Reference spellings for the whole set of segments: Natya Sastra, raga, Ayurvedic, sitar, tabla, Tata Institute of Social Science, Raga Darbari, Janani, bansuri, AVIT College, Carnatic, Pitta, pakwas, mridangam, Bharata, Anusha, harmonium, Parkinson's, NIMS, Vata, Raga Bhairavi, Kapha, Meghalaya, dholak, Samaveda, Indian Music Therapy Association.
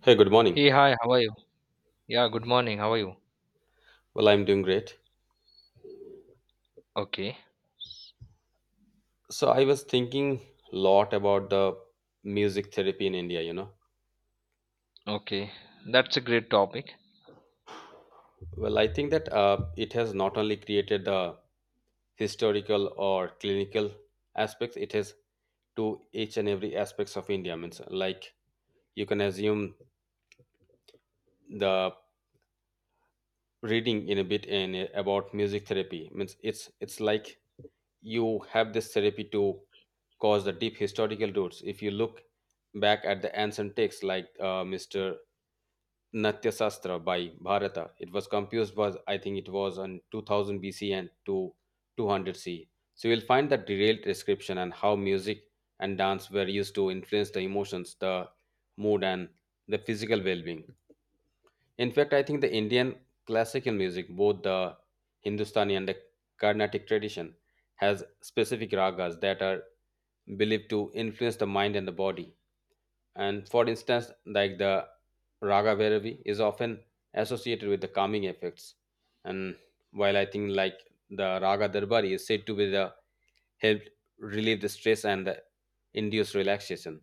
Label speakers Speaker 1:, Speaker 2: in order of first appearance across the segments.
Speaker 1: Hey, good morning.
Speaker 2: Hey, hi, how are you? Yeah, good morning, how are you?
Speaker 1: Well, I'm doing great.
Speaker 2: Okay,
Speaker 1: So I was thinking a lot about the music therapy in India.
Speaker 2: okay, That's a great topic.
Speaker 1: Well, I think that it has not only created the historical or clinical aspects, it has to each and every aspects of India. Means like you can assume the reading in a bit about music therapy. Means it's like you have this therapy to cause the deep historical roots. If you look back at the ancient texts like Mr. Natya Sastra by Bharata. It was composed was I think it was on 2000 BC and to 200 C. So you'll find the detailed description and how music and dance were used to influence the emotions, the mood, and the physical well-being. In fact, I think the Indian classical music, both the Hindustani and the Carnatic tradition, has specific ragas that are believed to influence the mind and the body. And for instance, like the Raga Bhairavi is often associated with the calming effects. And while I think like the Raga Darbari is said to be the help relieve the stress and the induce relaxation.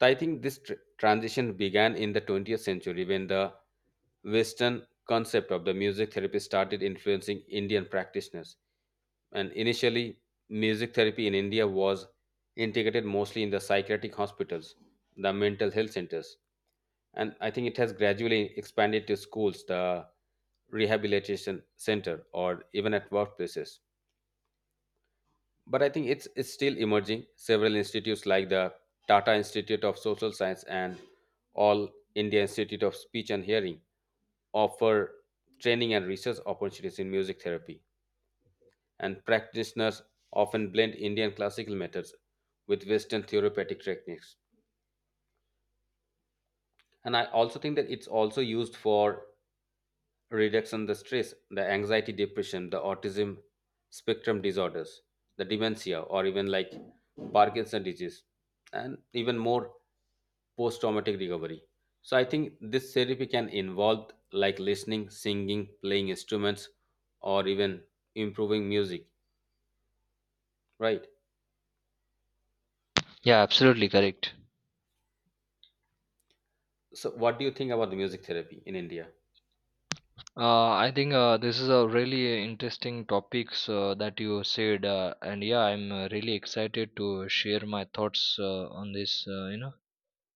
Speaker 1: So I think this transition began in the 20th century when the Western concept of the music therapy started influencing Indian practitioners. And initially, music therapy in India was integrated mostly in the psychiatric hospitals, the mental health centers, and I think it has gradually expanded to schools, the rehabilitation center, or even at workplaces. But I think it's still emerging. Several institutes like the Tata Institute of Social Science and All India Institute of Speech and Hearing offer training and research opportunities in music therapy, and practitioners often blend Indian classical methods with Western therapeutic techniques. And I also think that it's also used for reduction the stress, the anxiety, depression, the autism spectrum disorders, the dementia, or even like Parkinson's disease, and even more post traumatic recovery. So I think this therapy can involve like listening, singing, playing instruments, or even improving music, right?
Speaker 2: Yeah, absolutely correct.
Speaker 1: So what do you think about the music therapy in India?
Speaker 2: I think this is a really interesting topics that you said, and yeah, I'm really excited to share my thoughts on this, you know,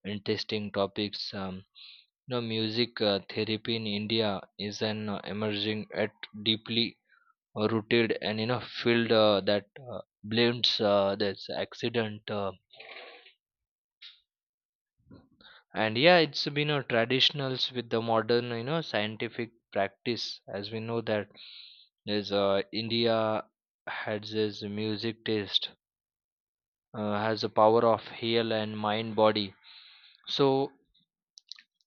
Speaker 2: interesting topics. You know, music therapy in India is an emerging at deeply rooted and you know field that blends this accident. And yeah, it's been a traditionals with the modern, you know, scientific practice. As we know that is, india has this music taste has the power of heal and mind body, so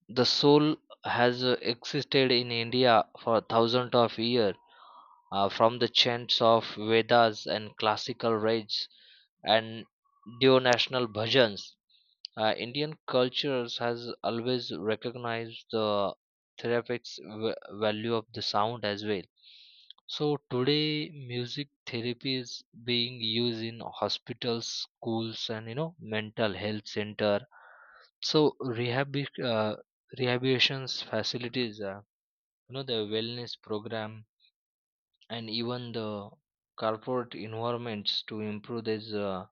Speaker 2: the soul has existed in india for thousands of years, from the chants of Vedas and classical rage and neo-national bhajans. Indian cultures has always recognized the therapeutic v- value of the sound as well. So today, music therapy is being used in hospitals, schools, and you know mental health center. So uh, rehabilitation facilities, you know, the wellness program and even the corporate environments to improve this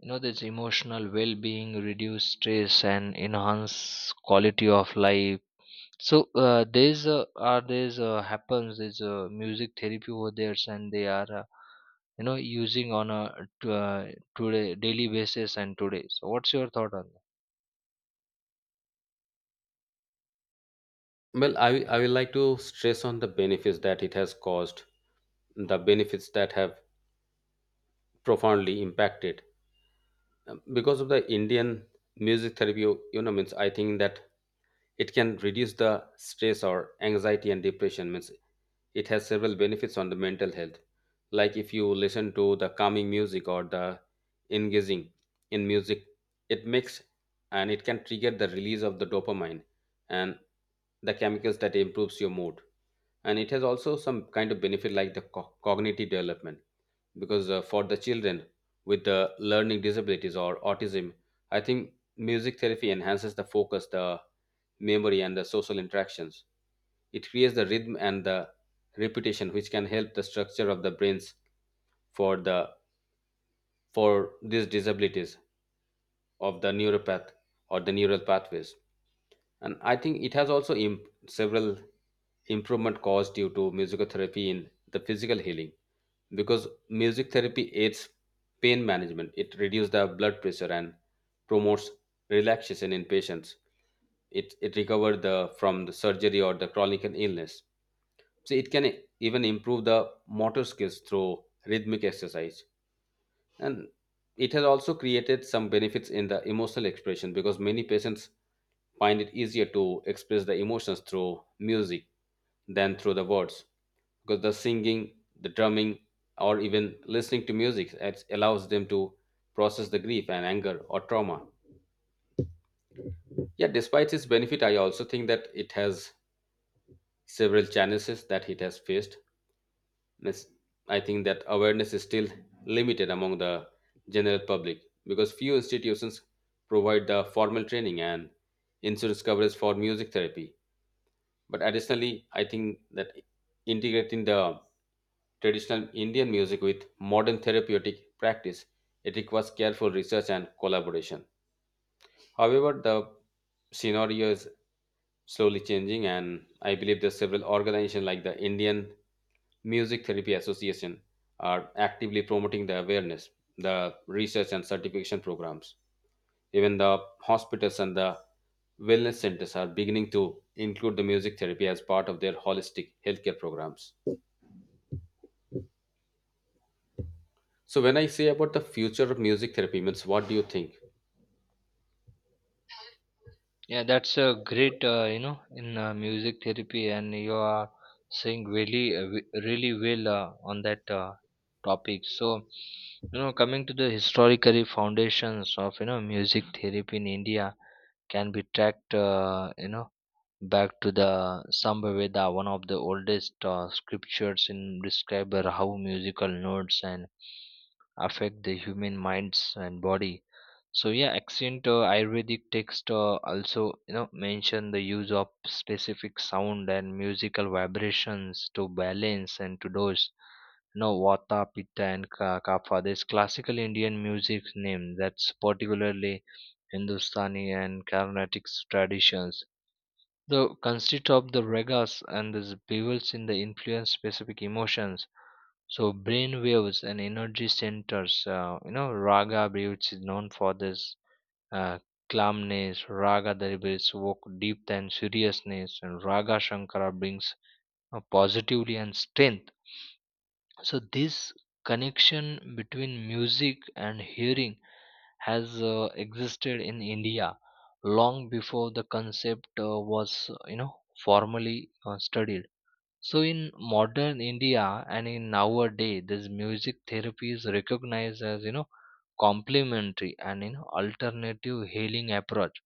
Speaker 2: you know this emotional well-being, reduce stress and enhance quality of life. So there's are there's happens there's music therapy over there and they are, you know, using on a t- uh, today daily basis. And today, so what's your thought on that?
Speaker 1: Well, I will like to stress on the benefits that it has caused the benefits that have profoundly impacted. Because of the Indian music therapy means I think that it can reduce the stress or anxiety and depression. Means it has several benefits on the mental health, like if you listen to the calming music or the engaging in music, it makes and it can trigger the release of the dopamine and the chemicals that improves your mood. And it has also some kind of benefit like the cognitive development, because for the children with the learning disabilities or autism, I think music therapy enhances the focus, the memory, and the social interactions. It creates the rhythm and the repetition, which can help the structure of the brains for the for these disabilities of the neuropath or the neural pathways. And I think it has also several improvement caused due to musical therapy in the physical healing, because music therapy aids pain management. It reduces the blood pressure and promotes relaxation in patients. It recovers the from the surgery or the chronic illness. So it can even improve the motor skills through rhythmic exercise. And it has also created some benefits in the emotional expression, because many patients find it easier to express the emotions through music than through the words, because the singing, the drumming, or even listening to music, it allows them to process the grief and anger or trauma. Yeah, despite its benefit, I also think that it has several challenges that it has faced. Miss- I think that awareness is still limited among the general public, because few institutions provide the formal training and insurance coverage for music therapy. But additionally, I think that integrating the traditional Indian music with modern therapeutic practice, it requires careful research and collaboration. However, the scenario is slowly changing, and I believe there's several organizations like the Indian Music Therapy Association are actively promoting the awareness, the research, and certification programs. Even the hospitals and the wellness centers are beginning to include the music therapy as part of their holistic healthcare programs. So when I say about the future of music therapy, means what do you think?
Speaker 2: Yeah, that's a great, you know, in music therapy, and you are saying really, really well on that topic. So, you know, coming to the historical foundations of, you know, music therapy in India can be tracked, you know, back to the Samaveda, one of the oldest scriptures, in describe how musical notes and affect the human minds and body. So yeah, ancient Ayurvedic text also, you know, mention the use of specific sound and musical vibrations to balance and to dose. You Vata, Pitta, and Kapha. There's classical Indian music name, that's particularly Hindustani and Carnatic traditions, the conceit of the ragas and the bevels in the influence specific emotions, so brain waves and energy centers. You know, raga bevels is known for this, uh, calmness. Raga delivers work depth and seriousness, and raga shankara brings positivity and strength. So this connection between music and hearing has existed in India long before the concept was you know formally studied. So in modern India and in nowadays, this music therapy is recognized as, you know, complementary and, you know, alternative healing approach.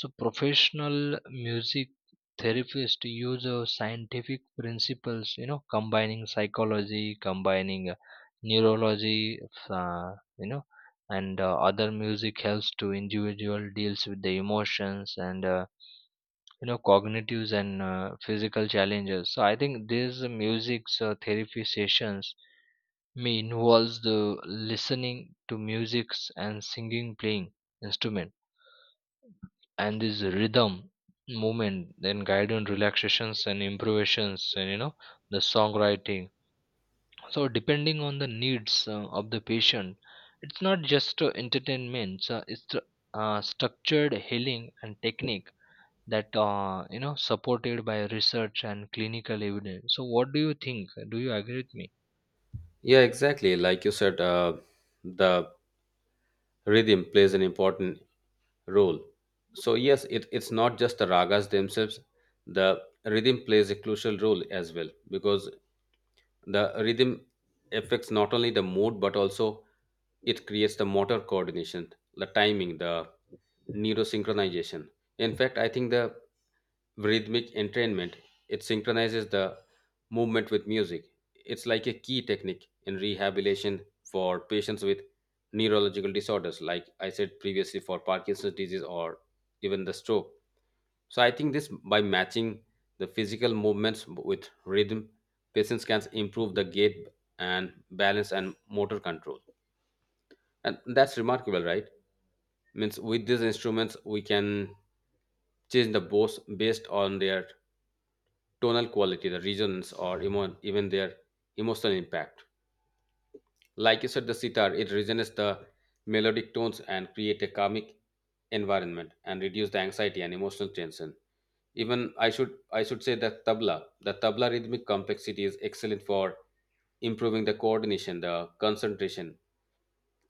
Speaker 2: So professional music therapists use scientific principles, you know, combining psychology, combining neurology, uh, you know, and other music, helps to individual deals with the emotions and, you know, cognitives and physical challenges. So I think these music therapy sessions may involves the listening to music and singing, playing instrument, and this rhythm movement, then guidance relaxations and improvisations and, you know, the songwriting, so depending on the needs of the patient. It's not just entertainment, so it's the, structured healing and technique that, you know, supported by research and clinical evidence. So what do you think, do you agree with me?
Speaker 1: Yeah, exactly like you said, the rhythm plays an important role. So yes, it's not just the ragas themselves. The rhythm plays a crucial role as well, because the rhythm affects not only the mood but also it creates the motor coordination, the timing, the neurosynchronization. In fact, I think the rhythmic entrainment. It synchronizes the movement with music. It's like a key technique in rehabilitation for patients with neurological disorders, like I said previously, for Parkinson's disease or even the stroke. So I think this by matching the physical movements with rhythm, patients can improve the gait and balance and motor control. And that's remarkable, right? Means with these instruments, we can change the bows based on their tonal quality, the resonance, or even their emotional impact. Like you said, the sitar, it resonates the melodic tones and create a karmic environment and reduce the anxiety and emotional tension. Even I should say that tabla, the tabla rhythmic complexity is excellent for improving the coordination, the concentration.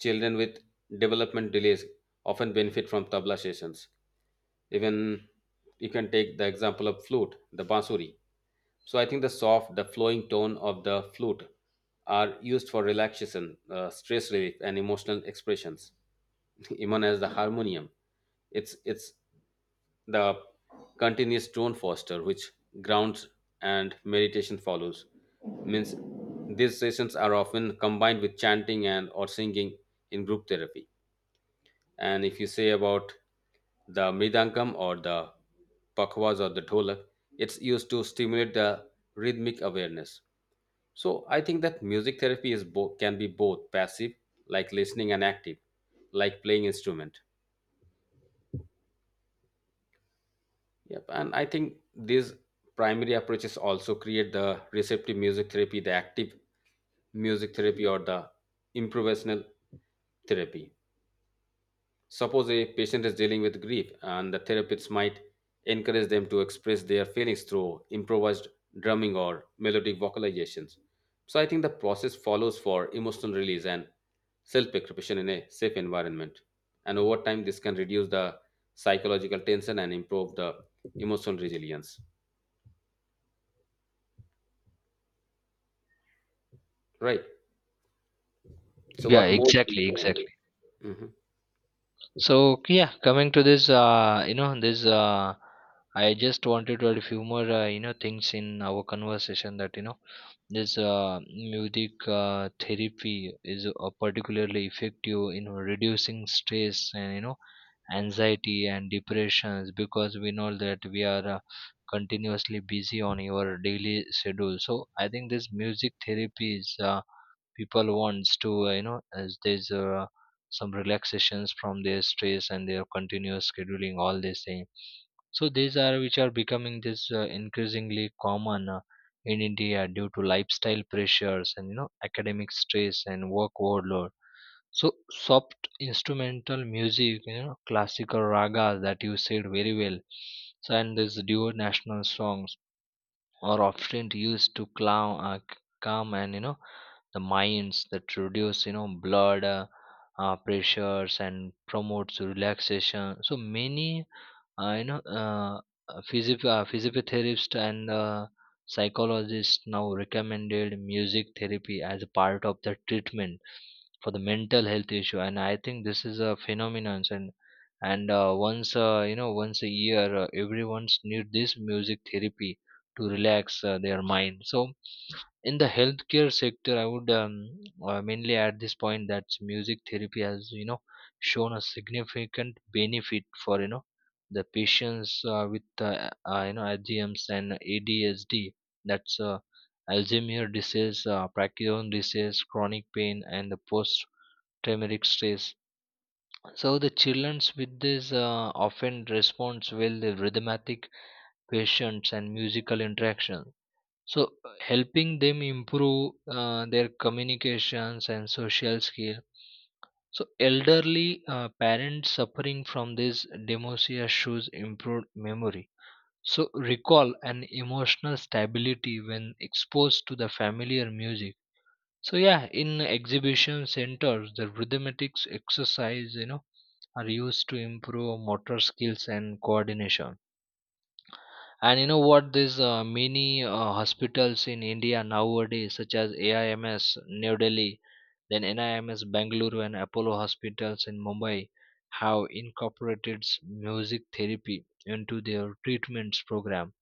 Speaker 1: Children with development delays often benefit from tabla sessions. Even you can take the example of flute, the bansuri. So I think the soft, the flowing tone of the flute are used for relaxation, stress relief, and emotional expressions. Even as the harmonium, it's the continuous tone foster which grounds and meditation follows. Means these sessions are often combined with chanting and or singing in group therapy. And if you say about the mridangam or the pakwas or the dholak, it's used to stimulate the rhythmic awareness. So I think that music therapy is both can be both passive, like listening, and active, like playing instrument. Yep, and I think these primary approaches also create the receptive music therapy, the active music therapy, or the improvisational therapy. Suppose a patient is dealing with grief, and the therapists might encourage them to express their feelings through improvised drumming or melodic vocalizations. So I think the process follows for emotional release and self expression in a safe environment. And over time, this can reduce the psychological tension and improve the emotional resilience. Right. So,
Speaker 2: yeah
Speaker 1: what more?
Speaker 2: exactly exactly
Speaker 1: Mhm.
Speaker 2: So yeah, coming to this, I just wanted to add a few more, you know, things in our conversation that, you know, this music therapy is particularly effective in reducing stress and, you know, anxiety and depressions, because we know that we are continuously busy on your daily schedule. So I think this music therapy is, people wants to, you know, as this. Some relaxations from their stress and their continuous scheduling all the same. So these are which are becoming this increasingly common in india, due to lifestyle pressures and, you know, academic stress and work overload. So soft instrumental music, you know, classical ragas that you said very well. So and these duo national songs are often used to calm, calm and, you know, the minds that reduce, you know, blood pressures and promotes relaxation. So many uh, you know, uh, physiotherapist and psychologist now recommended music therapy as a part of the treatment for the mental health issue, and I think this is a phenomenon. And once, you know, once a year, everyone's need this music therapy to relax their mind. So, in the healthcare sector, I would mainly at this point that music therapy has, you know, shown a significant benefit for, you know, the patients with you know AGMs and ADSD, that's Alzheimer's disease, Parkinson's disease, chronic pain, and the post-traumatic stress. So the children with this often responds well to rhythmatic patients and musical interaction. So helping them improve their communications and social skill. So elderly parents suffering from this dementia shows improved memory, so recall an emotional stability when exposed to the familiar music. So yeah, in exhibition centers, the rhythmatics exercise, you know, are used to improve motor skills and coordination. And you know what? There's many hospitals in India nowadays, such as AIMS New Delhi, then NIMS Bangalore, and Apollo hospitals in Mumbai, have incorporated music therapy into their treatments program.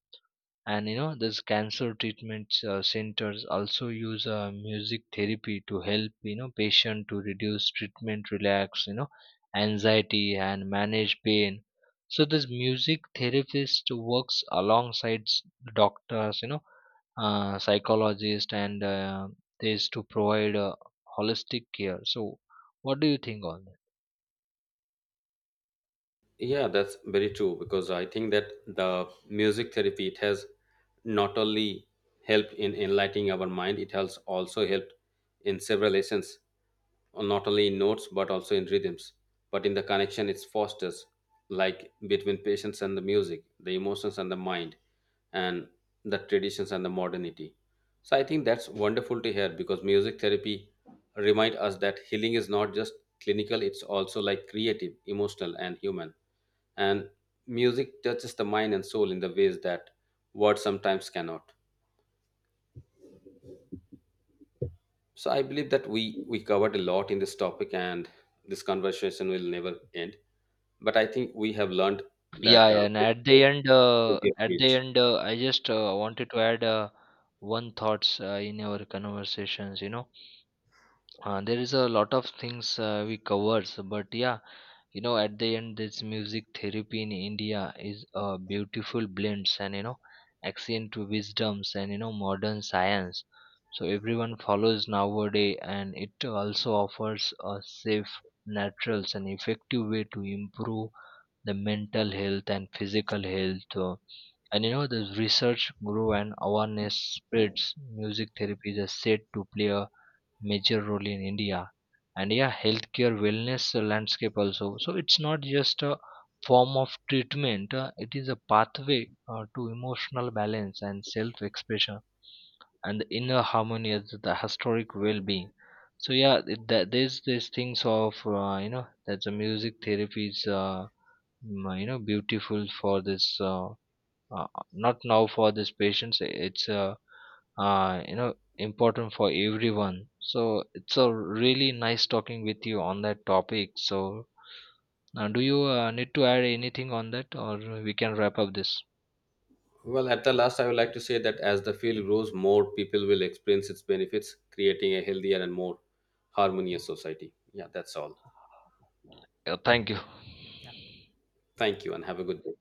Speaker 2: And you know this cancer treatment centers also use music therapy to help, you know, patient to reduce treatment, relax, you know, anxiety and manage pain. So this music therapist works alongside doctors, you know, psychologist and this, to provide holistic care. So what do you think on that?
Speaker 1: Yeah, that's very true, because I think that the music therapy it has not only helped in enlightening our mind, it has also helped in several lessons, not only in notes but also in rhythms. But in the connection, it fosters like between patients and the music, the emotions and the mind, and the traditions and the modernity. So I think that's wonderful to hear, because music therapy remind us that healing is not just clinical; it's also like creative, emotional, and human, and music touches the mind and soul in the ways that words sometimes cannot. So I believe that we covered a lot in this topic, and this conversation will never end, but I think we have learned
Speaker 2: Yeah,
Speaker 1: that
Speaker 2: yeah, and
Speaker 1: to be a
Speaker 2: at the
Speaker 1: bridge.
Speaker 2: end, I just wanted to add one thoughts in our conversations. You know, there is a lot of things we covers, but yeah, you know, at the end, this music therapy in India is a beautiful blends and, you know, ancient wisdoms and, you know, modern science. So everyone follows nowadays, and it also offers a safe, natural, and effective way to improve the mental health and physical health, and you know the research grew and awareness spreads. Music therapy is said to play a major role in india, and yeah, healthcare wellness landscape also. So it's not just a form of treatment, it is a pathway to emotional balance and self expression and the inner harmony as the historic well-being. So yeah, there's these things of, you know, that the music therapy is, you know, beautiful for this, not now, for this patients. It's, you know, important for everyone. So it's a really nice talking with you on that topic. So do you need to add anything on that, or we can wrap up this?
Speaker 1: Well, at the last, I would like to say that as the field grows, more people will experience its benefits, creating a healthier and more harmonious society. Yeah, that's all.
Speaker 2: Yeah, thank you.
Speaker 1: Yeah, thank you and have a good day.